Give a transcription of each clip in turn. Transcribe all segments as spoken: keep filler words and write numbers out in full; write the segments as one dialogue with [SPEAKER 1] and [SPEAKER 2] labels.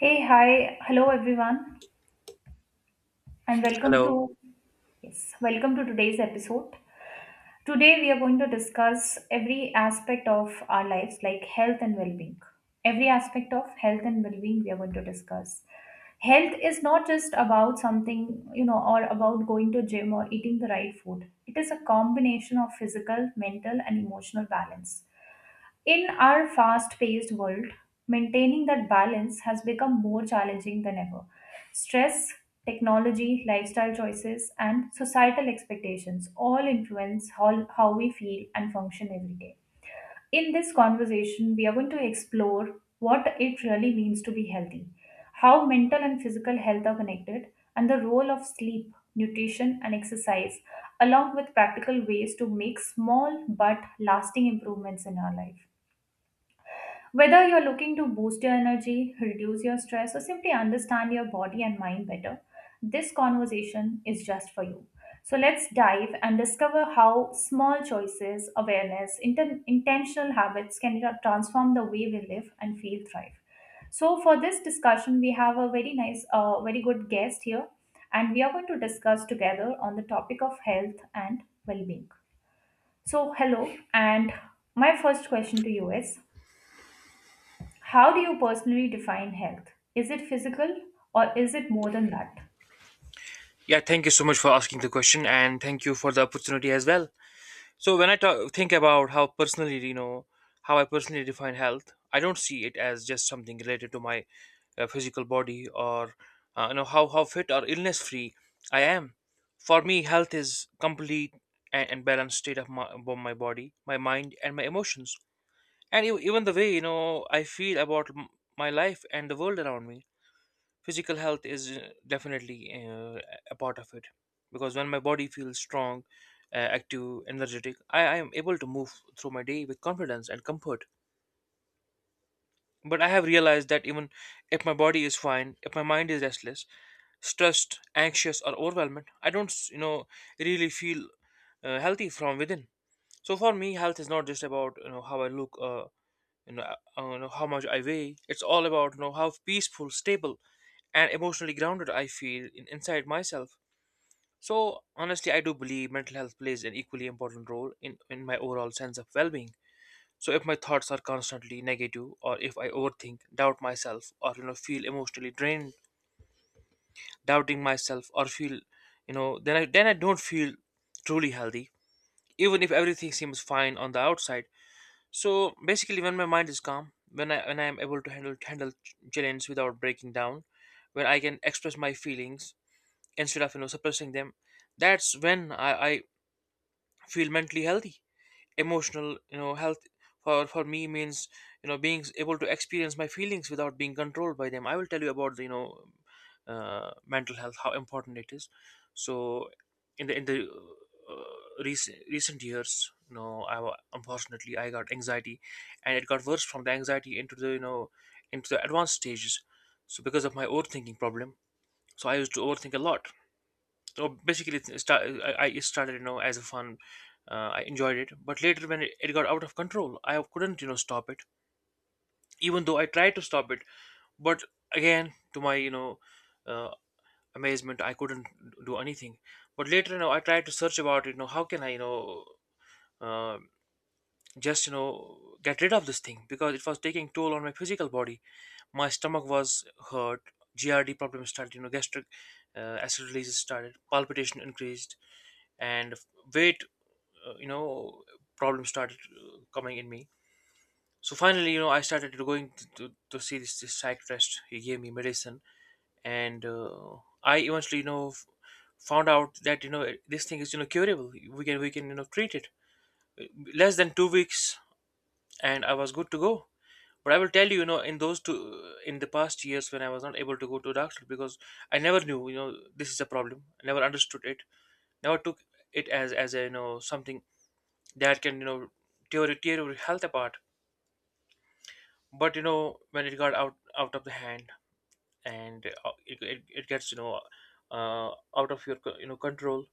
[SPEAKER 1] Hey, hi, hello everyone, and welcome to
[SPEAKER 2] Hello.
[SPEAKER 1] yes, welcome to today's episode. Today we are going to discuss every aspect of our lives, like health and well-being. Every aspect of health and well-being we are going to discuss. Health is not just about something, you know, or about going to gym or eating the right food. It is a combination of physical, mental, and emotional balance. In our fast paced world, maintaining that balance has become more challenging than ever. Stress, technology, lifestyle choices, and societal expectations all influence how, how we feel and function every day. In this conversation, we are going to explore what it really means to be healthy, how mental and physical health are connected, and the role of sleep, nutrition, and exercise, along with practical ways to make small but lasting improvements in our life. Whether you're looking to boost your energy, reduce your stress, or simply understand your body and mind better, this conversation is just for you. So let's dive and discover how small choices, awareness, inten- intentional habits can tra- transform the way we live and feel thrive. So for this discussion, we have a very nice, uh, very good guest here, and we are going to discuss together on the topic of health and well-being. So hello, and my first question to you is how do you personally define health? Is it physical or is it more than that?
[SPEAKER 2] Yeah, thank you so much for asking the question and thank you for the opportunity as well. So when I talk, think about how personally, you know, how I personally define health, I don't see it as just something related to my uh, physical body or uh, you know how how fit or illness free I am. For me, health is complete and, and balanced state of my, of my body, my mind and my emotions. And e- even the way, you know, I feel about m- my life and the world around me. Physical health is uh, definitely uh, a part of it, because when my body feels strong, uh, active, energetic, I, I am able to move through my day with confidence and comfort. But I have realized that even if my body is fine, if my mind is restless, stressed, anxious or overwhelmed, I don't, you know, really feel uh, healthy from within. So for me, health is not just about, you know, how I look, uh, you know, uh, you know, how much I weigh. It's all about, you know, how peaceful, stable, and emotionally grounded I feel in, inside myself. So honestly, I do believe mental health plays an equally important role in, in my overall sense of well-being. So if my thoughts are constantly negative, or if I overthink, doubt myself, or you know, feel emotionally drained, doubting myself, or feel, you know, then I then I don't feel truly healthy, even if everything seems fine on the outside. So basically, when my mind is calm, when I when I am able to handle handle ch- challenges without breaking down, when I can express my feelings instead of, you know, suppressing them, that's when I, I feel mentally healthy. Emotional, you know, health for for me means, you know, being able to experience my feelings without being controlled by them. I will tell you about the, you know, uh, mental health, how important it is. So in the in the uh, recent recent years, you know, i wa- unfortunately I got anxiety, and it got worse from the anxiety into the, you know, into the advanced stages. So because of my overthinking problem, so I used to overthink a lot. So basically it started, I, I started, you know, as a fun. uh, I enjoyed it, but later when it, it got out of control, I couldn't, you know, stop it, even though I tried to stop it. But again, to my, you know, uh, amazement, I couldn't do anything. But later, you know, I tried to search about it, you know, how can I, you know, uh, just, you know, get rid of this thing, because it was taking toll on my physical body. My stomach was hurt, grd problems started, you know, gastric uh, acid releases started, palpitation increased, and weight, uh, you know, problems started uh, coming in me. So finally, you know, I started going to, to, to see this, this psychiatrist. He gave me medicine, and uh, I eventually, you know, f- found out that, you know, this thing is, you know, curable. We can we can, you know, treat it. Uh, Less than two weeks and I was good to go. But I will tell you, you know, in those two in the past years, when I was not able to go to a doctor, because I never knew, you know, this is a problem. I never understood it, never took it as as a, you know, something that can, you know, tear, tear your health apart. But you know, when it got out out of the hand, and uh, it, it, it gets, you know, uh, out of your co- you know, control,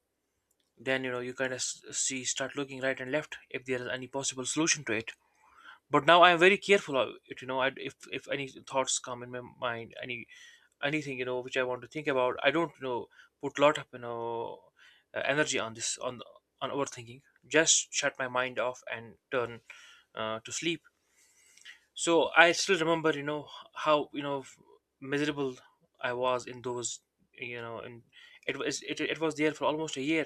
[SPEAKER 2] then you know, you kind of see start looking right and left if there is any possible solution to it. But now I am very careful of it, you know. I, if if any thoughts come in my mind, any anything, you know, which I want to think about, I don't, you know, put lot of, you know, uh, energy on this on on overthinking. Just shut my mind off and turn uh, to sleep. So I still remember, you know, how, you know, f- miserable I was in those, you know, and it was it, it was there for almost a year.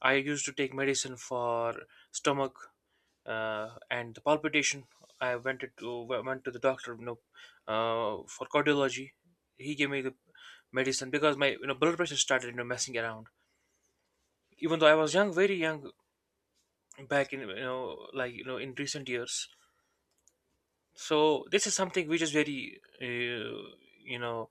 [SPEAKER 2] I used to take medicine for stomach uh, and the palpitation. I went to w- went to the doctor, you know, uh, for cardiology. He gave me the medicine because my, you know, blood pressure started, you know, messing around, even though I was young, very young back in, you know, like, you know, in recent years. So this is something which is very, uh, you know,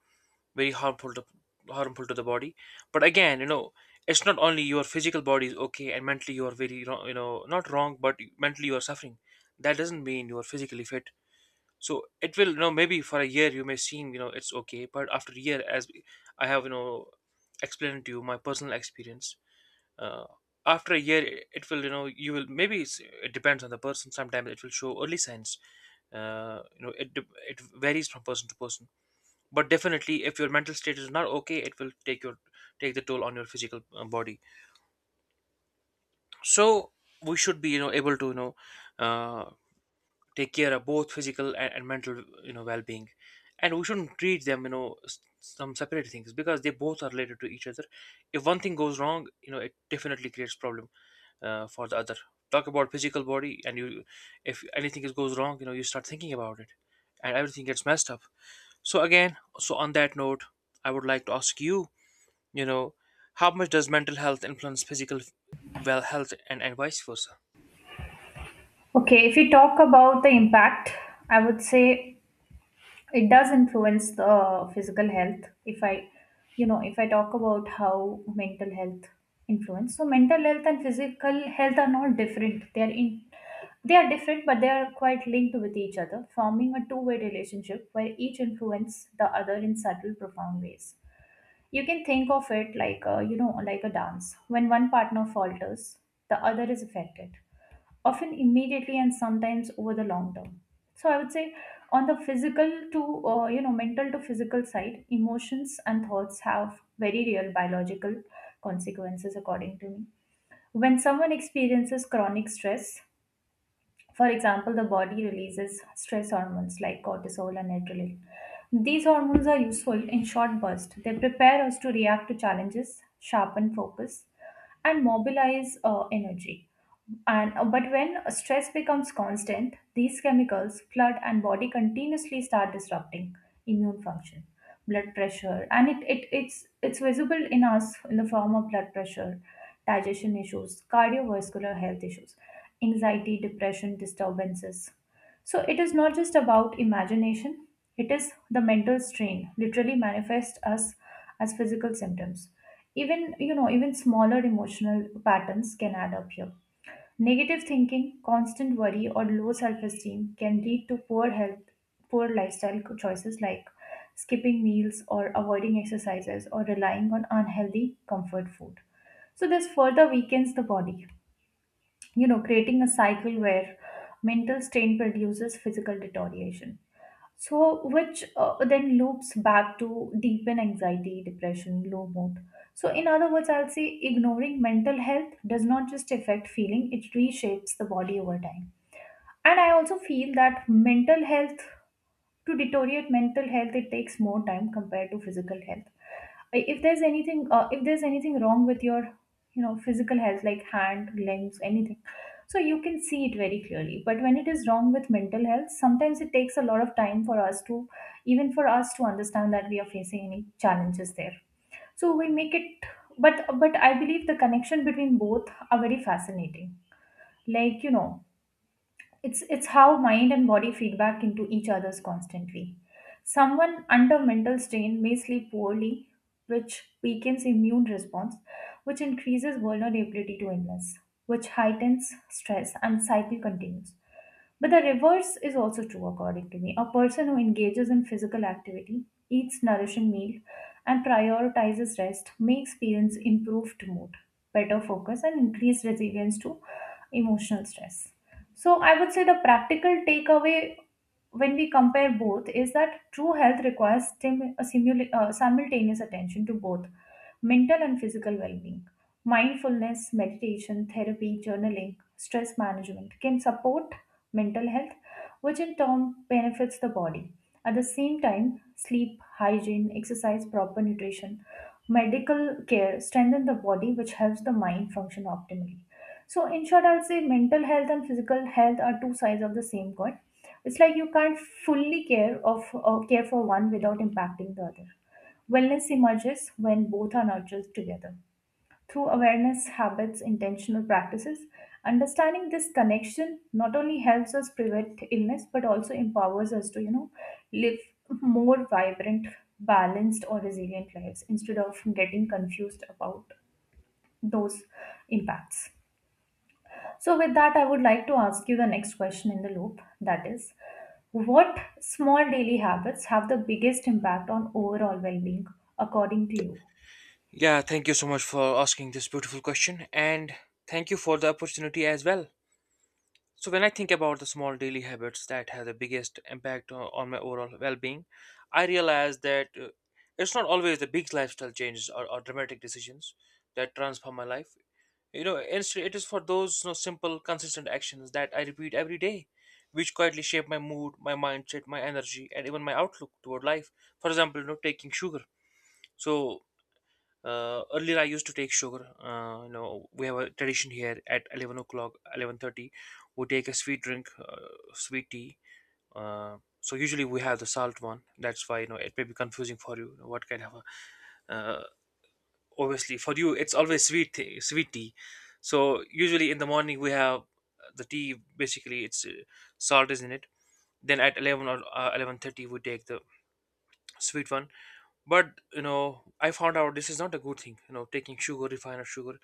[SPEAKER 2] very harmful to harmful to the body. But again, you know, it's not only your physical body is okay and mentally you are very wrong, you know, not wrong but mentally you are suffering, that doesn't mean you are physically fit. So it will, you know, maybe for a year you may seem, you know, it's okay, but after a year, as I have, you know, explained to you my personal experience, uh, after a year, it it will, you know, you will, maybe it's, it depends on the person. Sometimes it will show early signs, uh, you know, it, de- it varies from person to person. But definitely if your mental state is not okay, it will take your take the toll on your physical uh, body. So we should be, you know, able to, you know, uh, take care of both physical and, and mental, you know, well-being. And we shouldn't treat them, you know, s- some separate things, because they both are related to each other. If one thing goes wrong, you know, it definitely creates problem, uh, for the other. Talk about physical body, and you, if anything is goes wrong, you know, you start thinking about it, and everything gets messed up. So again, so on that note, I would like to ask you, you know, how much does mental health influence physical well, health, and, and vice versa?
[SPEAKER 1] Okay, if you talk about the impact, I would say it does influence the physical health. If I, you know, if I talk about how mental health influence, so mental health and physical health are not different. They are in, they are different, but they are quite linked with each other, forming a two-way relationship where each influence the other in subtle, profound ways. You can think of it like a, you know, like a dance. When one partner falters, the other is affected, often immediately and sometimes over the long term. So I would say on the physical to, uh, you know, mental to physical side, emotions and thoughts have very real biological consequences according to me. When someone experiences chronic stress, for example, the body releases stress hormones like cortisol and adrenaline. These hormones are useful in short bursts. They prepare us to react to challenges, sharpen focus, and mobilize uh, energy. And uh, but when stress becomes constant, these chemicals flood and body continuously start disrupting immune function, blood pressure, and it, it it's it's visible in us in the form of blood pressure, digestion issues, cardiovascular health issues, anxiety, depression, disturbances. So it is not just about imagination, it is the mental strain literally manifests us as physical symptoms. Even you know, even smaller emotional patterns can add up here. Negative thinking, constant worry, or low self esteem can lead to poor health, poor lifestyle choices like skipping meals or avoiding exercises or relying on unhealthy comfort food. So, this further weakens the body, you know, creating a cycle where mental strain produces physical deterioration. So, which uh, then loops back to deepen anxiety, depression, low mood. So, in other words, I'll say ignoring mental health does not just affect feeling, it reshapes the body over time. And I also feel that mental health to deteriorate mental health it takes more time compared to physical health. I- if there's anything uh, if there's anything wrong with your you know physical health like hand limbs anything, so you can see it very clearly, but when it is wrong with mental health, sometimes it takes a lot of time for us to, even for us to understand that we are facing any challenges there, so we make it. But but I believe the connection between both are very fascinating, like you know, it's, it's how mind and body feedback into each other's constantly. Someone under mental strain may sleep poorly, which weakens immune response, which increases vulnerability to illness, which heightens stress and cycle continues. But the reverse is also true according to me. A person who engages in physical activity, eats nourishing meal, and prioritizes rest may experience improved mood, better focus, and increased resilience to emotional stress. So I would say the practical takeaway when we compare both is that true health requires stim- a simul- uh, simultaneous attention to both mental and physical well-being. Mindfulness, meditation, therapy, journaling, stress management can support mental health, which in turn benefits the body. At the same time, sleep, hygiene, exercise, proper nutrition, medical care strengthen the body, which helps the mind function optimally. So, in short, I'll say mental health and physical health are two sides of the same coin. It's like you can't fully care of or care for one without impacting the other. Wellness emerges when both are nurtured together through awareness, habits, intentional practices. Understanding this connection not only helps us prevent illness but also empowers us to, you know, live more vibrant, balanced, or resilient lives instead of getting confused about those impacts. So, with that, I would like to ask you the next question in the loop, that is, what small daily habits have the biggest impact on overall well being, according to you?
[SPEAKER 2] Yeah, thank you so much for asking this beautiful question and thank you for the opportunity as well. So, when I think about the small daily habits that have the biggest impact on, on my overall well being, I realize that, uh, it's not always the big lifestyle changes, or, or dramatic decisions that transform my life. You know, instead, it is for those, you know, simple, consistent actions that I repeat every day, which quietly shape my mood, my mindset, my energy, and even my outlook toward life. For example, you know, taking sugar. So uh, earlier, I used to take sugar. Uh, you know, we have a tradition here at eleven o'clock, eleven thirty. We take a sweet drink, uh, sweet tea. Uh, so usually we have the salt one. That's why, you know, it may be confusing for you. What kind of a uh, obviously for you it's always sweet tea, sweet tea. So usually in the morning we have the tea, basically it's, uh, salt is in it. Then at eleven or uh, eleven thirty we take the sweet one. But you know, I found out this is not a good thing, you know, taking sugar, refined sugar.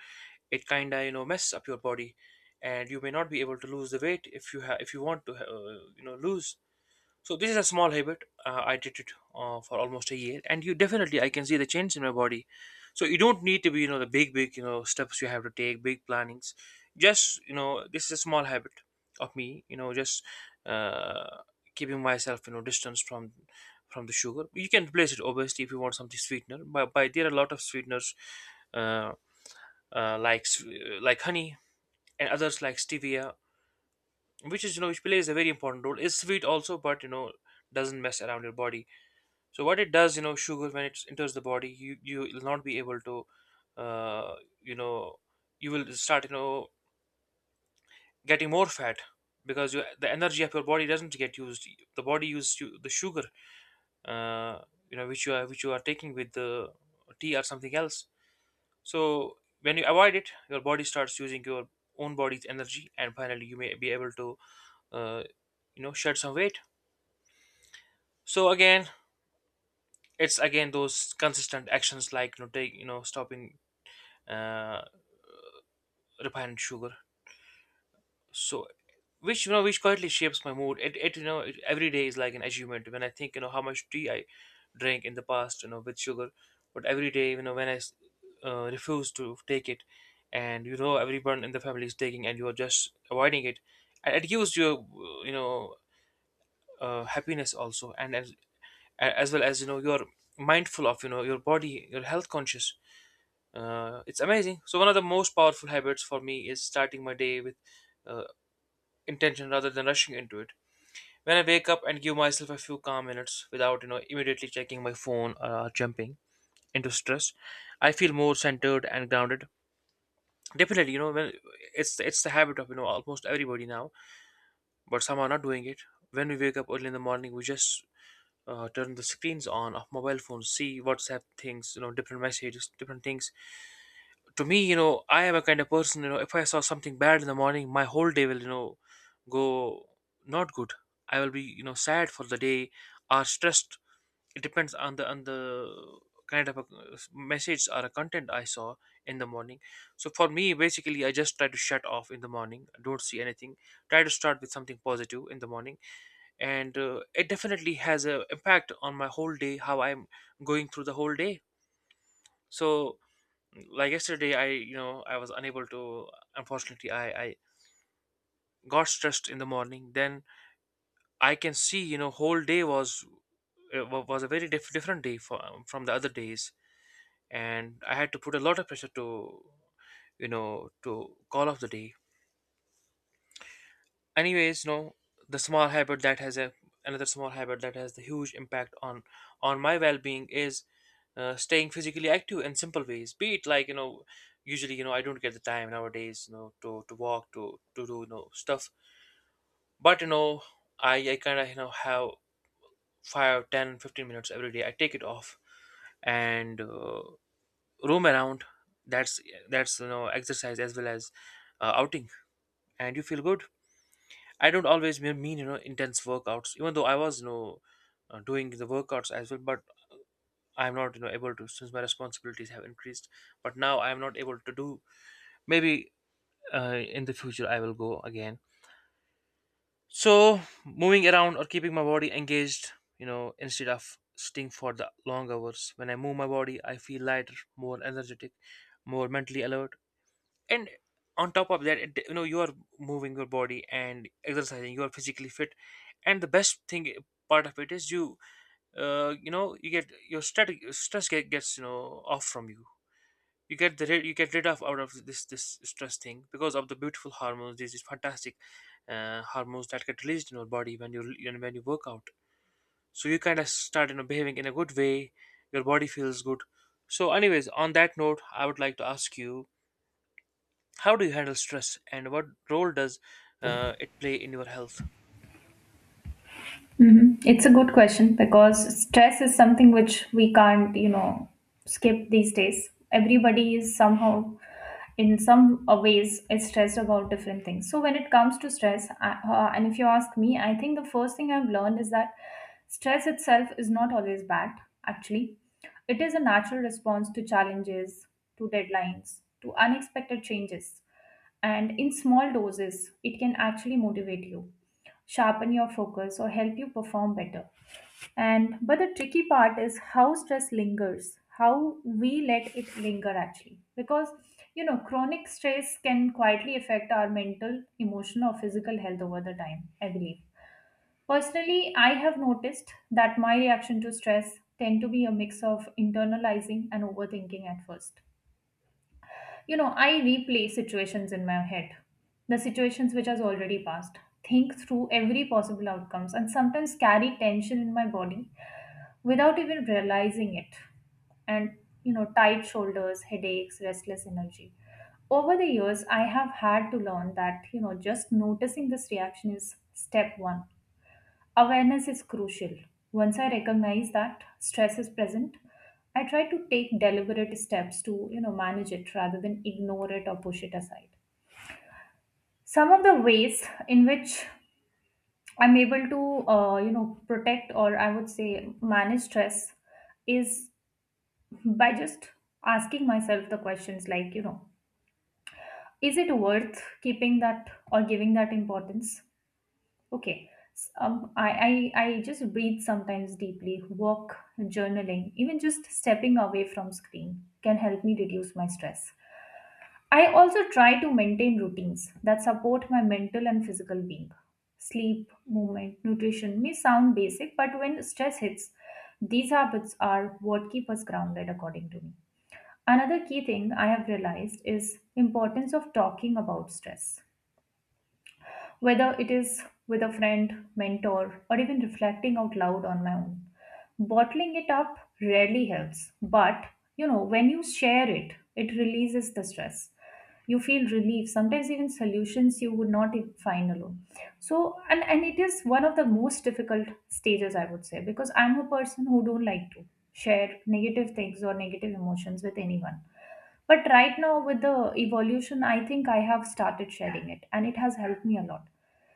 [SPEAKER 2] It kind of, you know, mess up your body, and you may not be able to lose the weight if you have if you want to, uh, you know, lose. So this is a small habit. Uh, I did it uh, for almost a year, and you definitely, I can see the change in my body. So you don't need to be, you know, the big big, you know, steps you have to take, big plannings. Just, you know, this is a small habit of me. You know, just uh, keeping myself, you know, distance from from the sugar. You can replace it obviously if you want something sweetener. But by, there are a lot of sweeteners, uh, uh, like s- uh, like honey and others like stevia, which is, you know, which plays a very important role, is sweet also, but you know, doesn't mess around your body. So what it does, you know, sugar when it enters the body, you you will not be able to, uh, you know, you will start, you know, getting more fat, because you, the energy of your body doesn't get used. The body uses you, the sugar, uh, you know, which you are which you are taking with the tea or something else. So when you avoid it, your body starts using your own body's energy, and finally you may be able to, uh, you know, shed some weight. So again, it's again those consistent actions like, you know, take, you know, stopping, uh, refined sugar. So which, you know, which quietly shapes my mood. It, it you know it, Every day is like an achievement when I think you know how much tea I drank in the past you know with sugar, but every day you know when I s- uh, refuse to take it, and you know everyone in the family is taking and you are just avoiding it, and it gives you uh, you know uh, happiness also and as, as well as you know you're mindful of you know your body, your health conscious. Uh, it's amazing. So one of the most powerful habits for me is starting my day with uh, intention rather than rushing into it. When I wake up and give myself a few calm minutes without you know immediately checking my phone or jumping into stress, I feel more centered and grounded. Definitely, you know when it's it's the habit of you know almost everybody now, but some are not doing it. When we wake up early in the morning, we just uh, turn the screens on of mobile phones, see WhatsApp things, you know different messages, different things. To me, you know, I am a kind of person, you know, if I saw something bad in the morning, my whole day will, you know, go not good. I will be, you know, sad for the day or stressed. It depends on the on the kind of a uh, message or a content I saw in the morning. So for me, basically, I just try to shut off in the morning. Don't see anything. Try to start with something positive in the morning, and uh, it definitely has a impact on my whole day, how I'm going through the whole day. So like yesterday, I you know I was unable to, unfortunately, i i got stressed in the morning, then I can see you know whole day was uh, wa- was a very diff- different day for, um, from the other days, and I had to put a lot of pressure to you know to call off the day. Anyways, no, the small habit that has a another small habit that has the huge impact on on my well-being is uh, staying physically active in simple ways, be it like you know usually you know I don't get the time nowadays you know to to walk, to to do you know stuff. But you know i i kind of you know have five ten fifteen minutes every day. I take it off, and uh, roam around. That's that's you know exercise as well as uh, outing, and you feel good. I don't always me- mean you know intense workouts, even though I was you know uh, doing the workouts as well. But I'm not you know able to, since my responsibilities have increased. But now I'm not able to do. Maybe uh, in the future I will go again. So moving around or keeping my body engaged, you know, instead of sitting for the long hours. When I move my body, I feel lighter, more energetic, more mentally alert, and on top of that, it, you know you are moving your body and exercising, you are physically fit, and the best thing eh, part of it is you uh, you know you get your stress stress get, gets you know off from you. You get the rid- you get rid of out of this this stress thing because of the beautiful hormones, these these fantastic uh, hormones that get released in your body when you you know, when you work out, so you kind of start you know behaving in a good way. Your body feels good. So anyways, on that note, I would like to ask you, how do you handle stress, and what role does uh, it play in your health?
[SPEAKER 1] Hmm, it's a good question because stress is something which we can't, you know, skip these days. Everybody is somehow in some uh, ways is stressed about different things. So when it comes to stress, I, uh, and if you ask me, I think the first thing I've learned is that stress itself is not always bad. Actually, it is a natural response to challenges, to deadlines, to unexpected changes, and in small doses it can actually motivate you, sharpen your focus, or help you perform better. And but the tricky part is how stress lingers, how we let it linger actually. Because you know, chronic stress can quietly affect our mental, emotional, or physical health over the time, I believe. Personally, I have noticed that my reaction to stress tend to be a mix of internalizing and overthinking at first. You know, I replay situations in my head, the situations which has already passed, think through every possible outcomes and sometimes carry tension in my body without even realizing it. And you know, tight shoulders, headaches, restless energy. Over the years, I have had to learn that, you know, just noticing this reaction is step one. Awareness is crucial. Once I recognize that stress is present, I try to take deliberate steps to, you know, manage it rather than ignore it or push it aside. Some of the ways in which I'm able to, uh, you know, protect or I would say manage stress is by just asking myself the questions like, you know, is it worth keeping that or giving that importance? Okay. S- Um, I, I, I just breathe sometimes deeply, walk, journaling, even just stepping away from screen can help me reduce my stress. I also try to maintain routines that support my mental and physical being. Sleep, movement, nutrition may sound basic, but when stress hits, these habits are what keep us grounded, according to me. Another key thing I have realized is importance of talking about stress whether it is with a friend, mentor, or even reflecting out loud on my own. Bottling it up rarely helps, but you know, when you share it, it releases the stress. You feel relief, sometimes even solutions you would not even find alone. So, and, and it is one of the most difficult stages, I would say, because I'm a person who don't like to share negative things or negative emotions with anyone. But right now, with the evolution, I think I have started sharing it, and it has helped me a lot.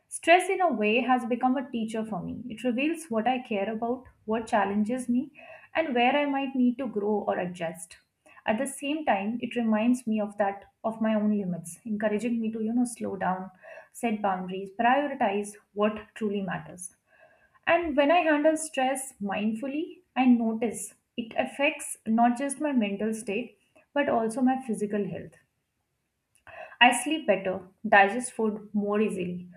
[SPEAKER 1] Stress, in a way, has become a teacher for me. It reveals what I care about, what challenges me, and where I might need to grow or adjust. At the same time, it reminds me of that of my own limits, encouraging me to you know slow down, set boundaries, prioritize what truly matters. And when I handle stress mindfully, I notice it affects not just my mental state but also my physical health. I sleep better, digest food more easily,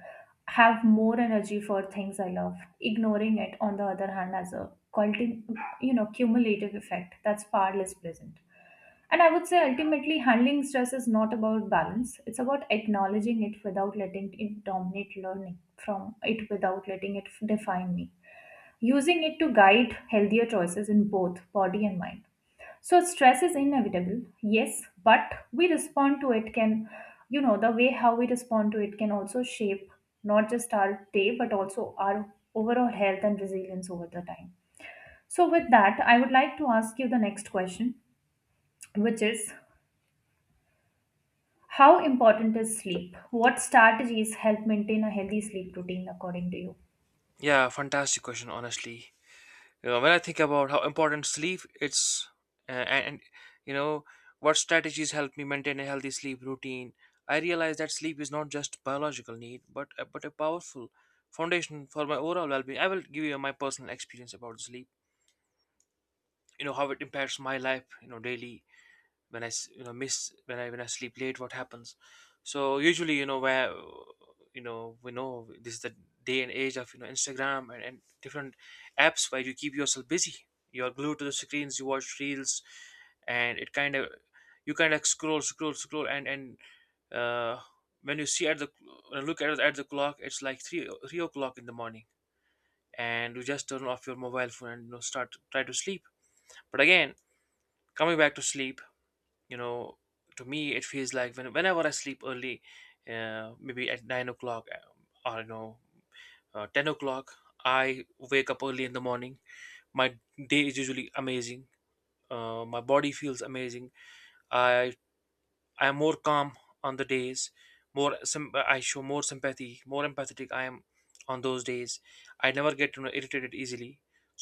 [SPEAKER 1] have more energy for things I love. Ignoring it, on the other hand, has a culti- you know cumulative effect that's far less pleasant. And I would say ultimately, handling stress is not about balance; it's about acknowledging it without letting it dominate, learning from it, without letting it define me. Using it to guide healthier choices in both body and mind. So stress is inevitable, yes, but we respond to it can, you know, the way how we respond to it can also shape not just our day but also our overall health and resilience over the time. So, with that, I would like to ask you the next question, which is how important is sleep? What strategies help maintain a healthy sleep routine according to you?
[SPEAKER 2] Yeah, fantastic question. Honestly, you know, when I think about how important sleep, it's uh, and and, you know what strategies help me maintain a healthy sleep routine. I realize that sleep is not just biological need, but a- but a powerful foundation for my overall well-being. I will give you my personal experience about sleep. You know how it impacts my life. You know, daily, when I s- you know miss when I when I sleep late, what happens. So usually you know where you know we know this is the day and age of you know Instagram and, and different apps where you keep yourself busy, you're glued to the screens, you watch reels, and it kind of you kind of scroll, scroll, scroll, and and uh, when you see at the when you look at the, at the clock, it's like three three o'clock in the morning, and you just turn off your mobile phone and you know, start try to sleep. But again, coming back to sleep, you know to me it feels like when, whenever I sleep early, uh, maybe at nine o'clock, uh, or you know uh, ten o'clock, I wake up early in the morning, my day is usually amazing. Uh, my body feels amazing. I i am more calm on the days, more, some I show more sympathy, more empathetic I am on those days. I never get you know, irritated easily.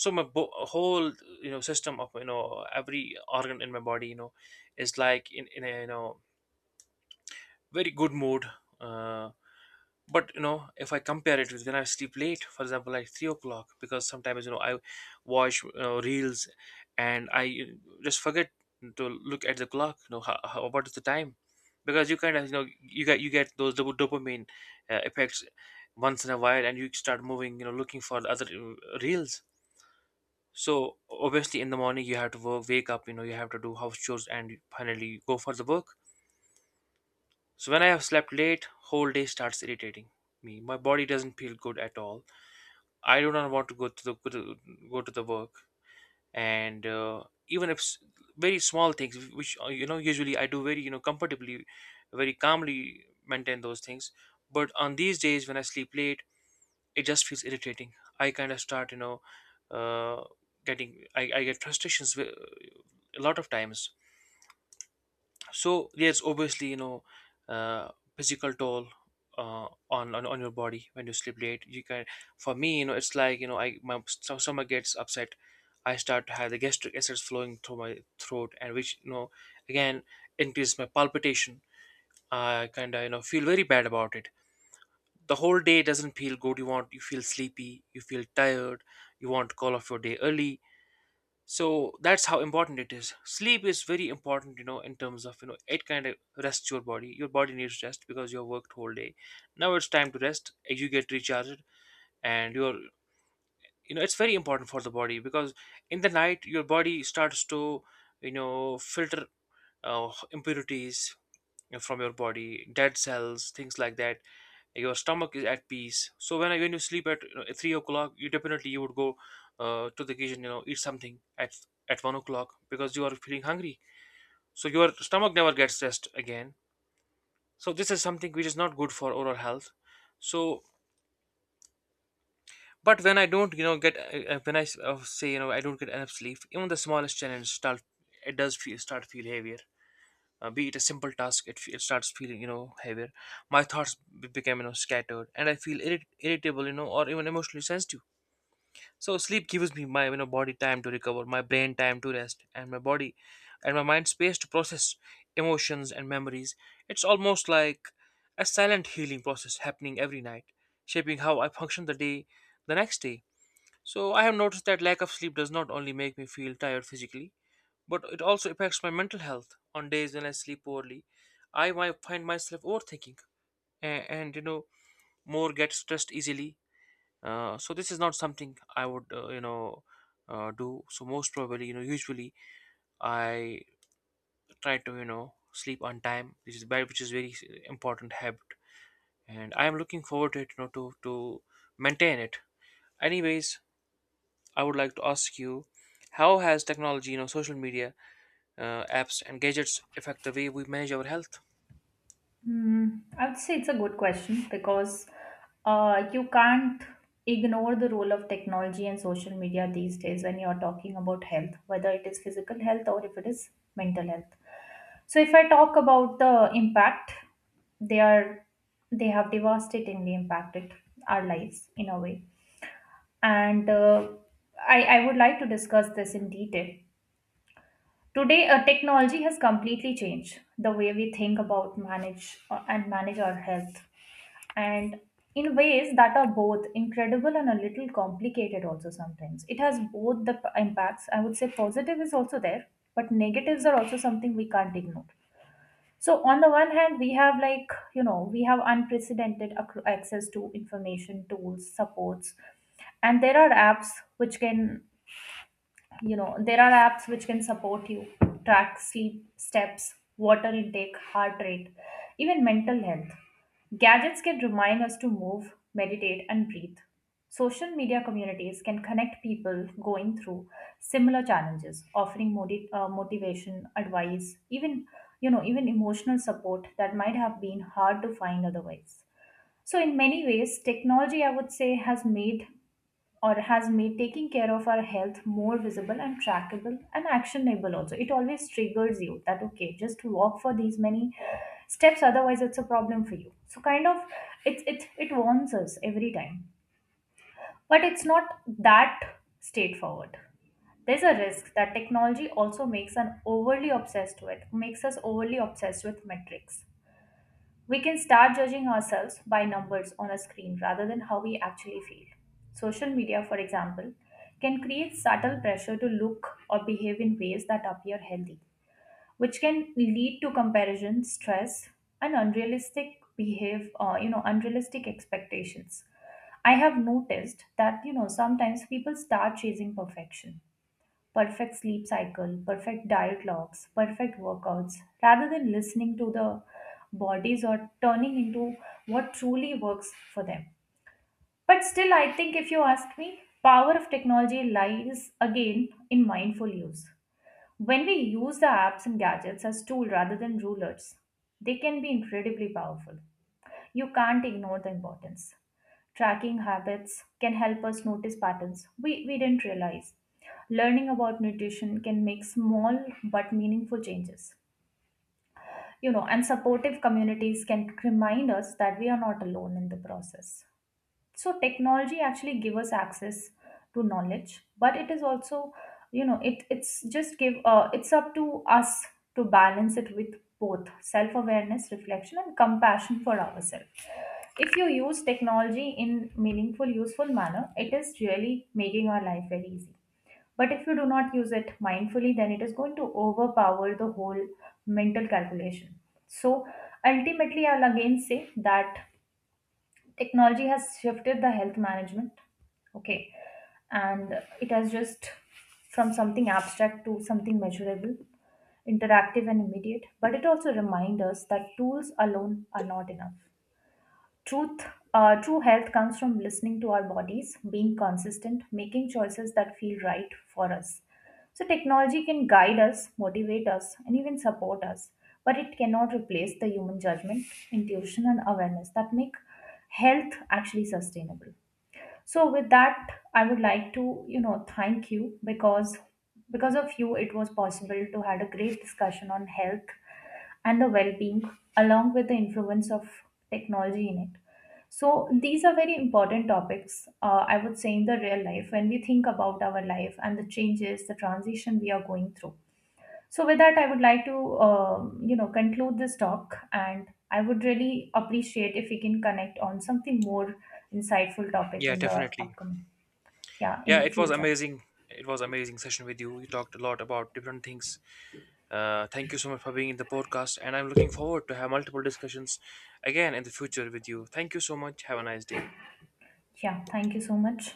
[SPEAKER 2] So my bo- whole you know system of you know every organ in my body you know is like in, in a you know very good mood. Uh, but you know, if I compare it with when I sleep late, for example, like three o'clock, because sometimes you know I watch uh, reels, and I just forget to look at the clock. You know, how, how, what is the time? Because you kind of you know you get you get those dop- dopamine uh, effects once in a while, and you start moving, you know, looking for the other uh, reels. So obviously, in the morning you have to work, wake up, you know, you have to do house chores, and finally go for the work. So when I have slept late, whole day starts irritating me. My body doesn't feel good at all. I do not want to go to the go to, go to the work, and uh, even if s- very small things, which uh, you know usually I do very you know comfortably, very calmly maintain those things. But on these days when I sleep late, it just feels irritating. I kind of start you know uh, getting I, I get frustrations wi- a lot of times. So there's obviously you know uh, physical toll uh, on, on on your body when you sleep late. You can For me, you know it's like you know I my st- stomach gets upset. I start to have the gastric acids flowing through my throat, and which you know again increases my palpitation. I kind of you know feel very bad about it. The whole day doesn't feel good. You want you feel sleepy. You feel tired. You want to call off your day early. So that's how important it is, sleep is very important, you know in terms of, you know it kind of rests your body, your body needs rest because you have worked whole day. Now it's time to rest, you get recharged, and you're you know it's very important for the body because in the night your body starts to you know filter uh, impurities uh, from your body, dead cells, things like that. Your stomach is at peace. So when I when you sleep at you know, at three o'clock, you definitely you would go uh, to the kitchen, you know, eat something at at one o'clock because you are feeling hungry. So your stomach never gets rest again. So this is something which is not good for oral health. So but when I don't, you know, get, uh, uh, when I s- uh, say, you know I don't get enough sleep, even the smallest challenge start it does feel, start feel heavier. Uh, be it a simple task, it, fe- it starts feeling you know heavier. My thoughts b- become you know scattered, and I feel irrit- irritable, you know or even emotionally sensitive. So sleep gives me my you know body time to recover, my brain time to rest, and my body and my mind space to process emotions and memories. It's almost like a silent healing process happening every night, shaping how I function the day the next day. So I have noticed that lack of sleep does not only make me feel tired physically, but it also affects my mental health. On days when I sleep poorly, I might find myself overthinking and, and you know more get stressed easily. Uh, so this is not something I would uh, you know uh, do. So most probably, you know usually I try to you know sleep on time, which is very which is very important habit, and I am looking forward to it, you know to to maintain it. Anyways, I would like to ask you. How has technology, you know, social media, uh, apps, and gadgets affect the way we manage our health?
[SPEAKER 1] Hmm, I would say it's a good question because uh, you can't ignore the role of technology and social media these days when you're talking about health, whether it is physical health or if it is mental health. So if I talk about the impact, they are they have devastatingly impacted our lives in a way. And uh, I, I would like to discuss this in detail. Today, uh, technology has completely changed the way we think about manage uh, and manage our health and in ways that are both incredible and a little complicated. Also, sometimes it has both the p- impacts, I would say. Positive is also there, but negatives are also something we can't ignore. So on the one hand, we have, like you know we have unprecedented ac- access to information, tools, supports, and there are apps which can, you know there are apps which can support you, track sleep, steps, water intake, heart rate, even mental health. Gadgets can remind us to move, meditate, and breathe. Social media communities can connect people going through similar challenges, offering modi- uh, motivation, advice, even, you know even emotional support that might have been hard to find otherwise. So in many ways, technology, I would say, has made or has made taking care of our health more visible and trackable and actionable. Also, it always triggers you that, okay, just walk for these many steps, otherwise it's a problem for you. So kind of, it it it warns us every time. But it's not that straightforward. There's a risk that technology also makes an overly obsessed with makes us overly obsessed with metrics. We can start judging ourselves by numbers on a screen rather than how we actually feel. Social media, for example, can create subtle pressure to look or behave in ways that appear healthy, which can lead to comparison, stress, and unrealistic behave, uh, you know, unrealistic expectations. I have noticed that, you know, sometimes people start chasing perfection: perfect sleep cycle, perfect diet logs, perfect workouts, rather than listening to the bodies or turning into what truly works for them. But still, I think if you ask me, power of technology lies again in mindful use. When we use the apps and gadgets as tool rather than rulers, they can be incredibly powerful. You can't ignore the importance. Tracking habits can help us notice patterns we, we didn't realize. Learning about nutrition can make small but meaningful changes. You know, and supportive communities can remind us that we are not alone in the process. So technology actually give us access to knowledge, but it is also, you know, it it's just give, uh, it's up to us to balance it with both self awareness, reflection, and compassion for ourselves. If you use technology in meaningful, useful manner, it is really making our life very easy. But if you do not use it mindfully, then it is going to overpower the whole mental calculation. So ultimately, I'll again say that technology has shifted the health management, okay, and it has just from something abstract to something measurable, interactive, and immediate. But it also reminds us that tools alone are not enough. Truth, uh, true health comes from listening to our bodies, being consistent, making choices that feel right for us. So technology can guide us, motivate us, and even support us, but it cannot replace the human judgment, intuition, and awareness that make health actually sustainable. So with that, I would like to, you know thank you, because because of you it was possible to had a great discussion on health and the well-being, along with the influence of technology in it. So these are very important topics, uh, I would say, in the real life when we think about our life and the changes, the transition we are going through. So with that, I would like to um, you know conclude this talk, and I would really appreciate if we can connect on something more insightful topic
[SPEAKER 2] Yeah,
[SPEAKER 1] in the
[SPEAKER 2] definitely.
[SPEAKER 1] upcoming, yeah, in
[SPEAKER 2] Yeah,
[SPEAKER 1] the
[SPEAKER 2] it was
[SPEAKER 1] future.
[SPEAKER 2] amazing. It was amazing session with you. You talked a lot about different things. Uh, thank you so much for being in the podcast, and I'm looking forward to have multiple discussions again in the future with you. Thank you so much. Have a nice day.
[SPEAKER 1] Yeah, thank you so much.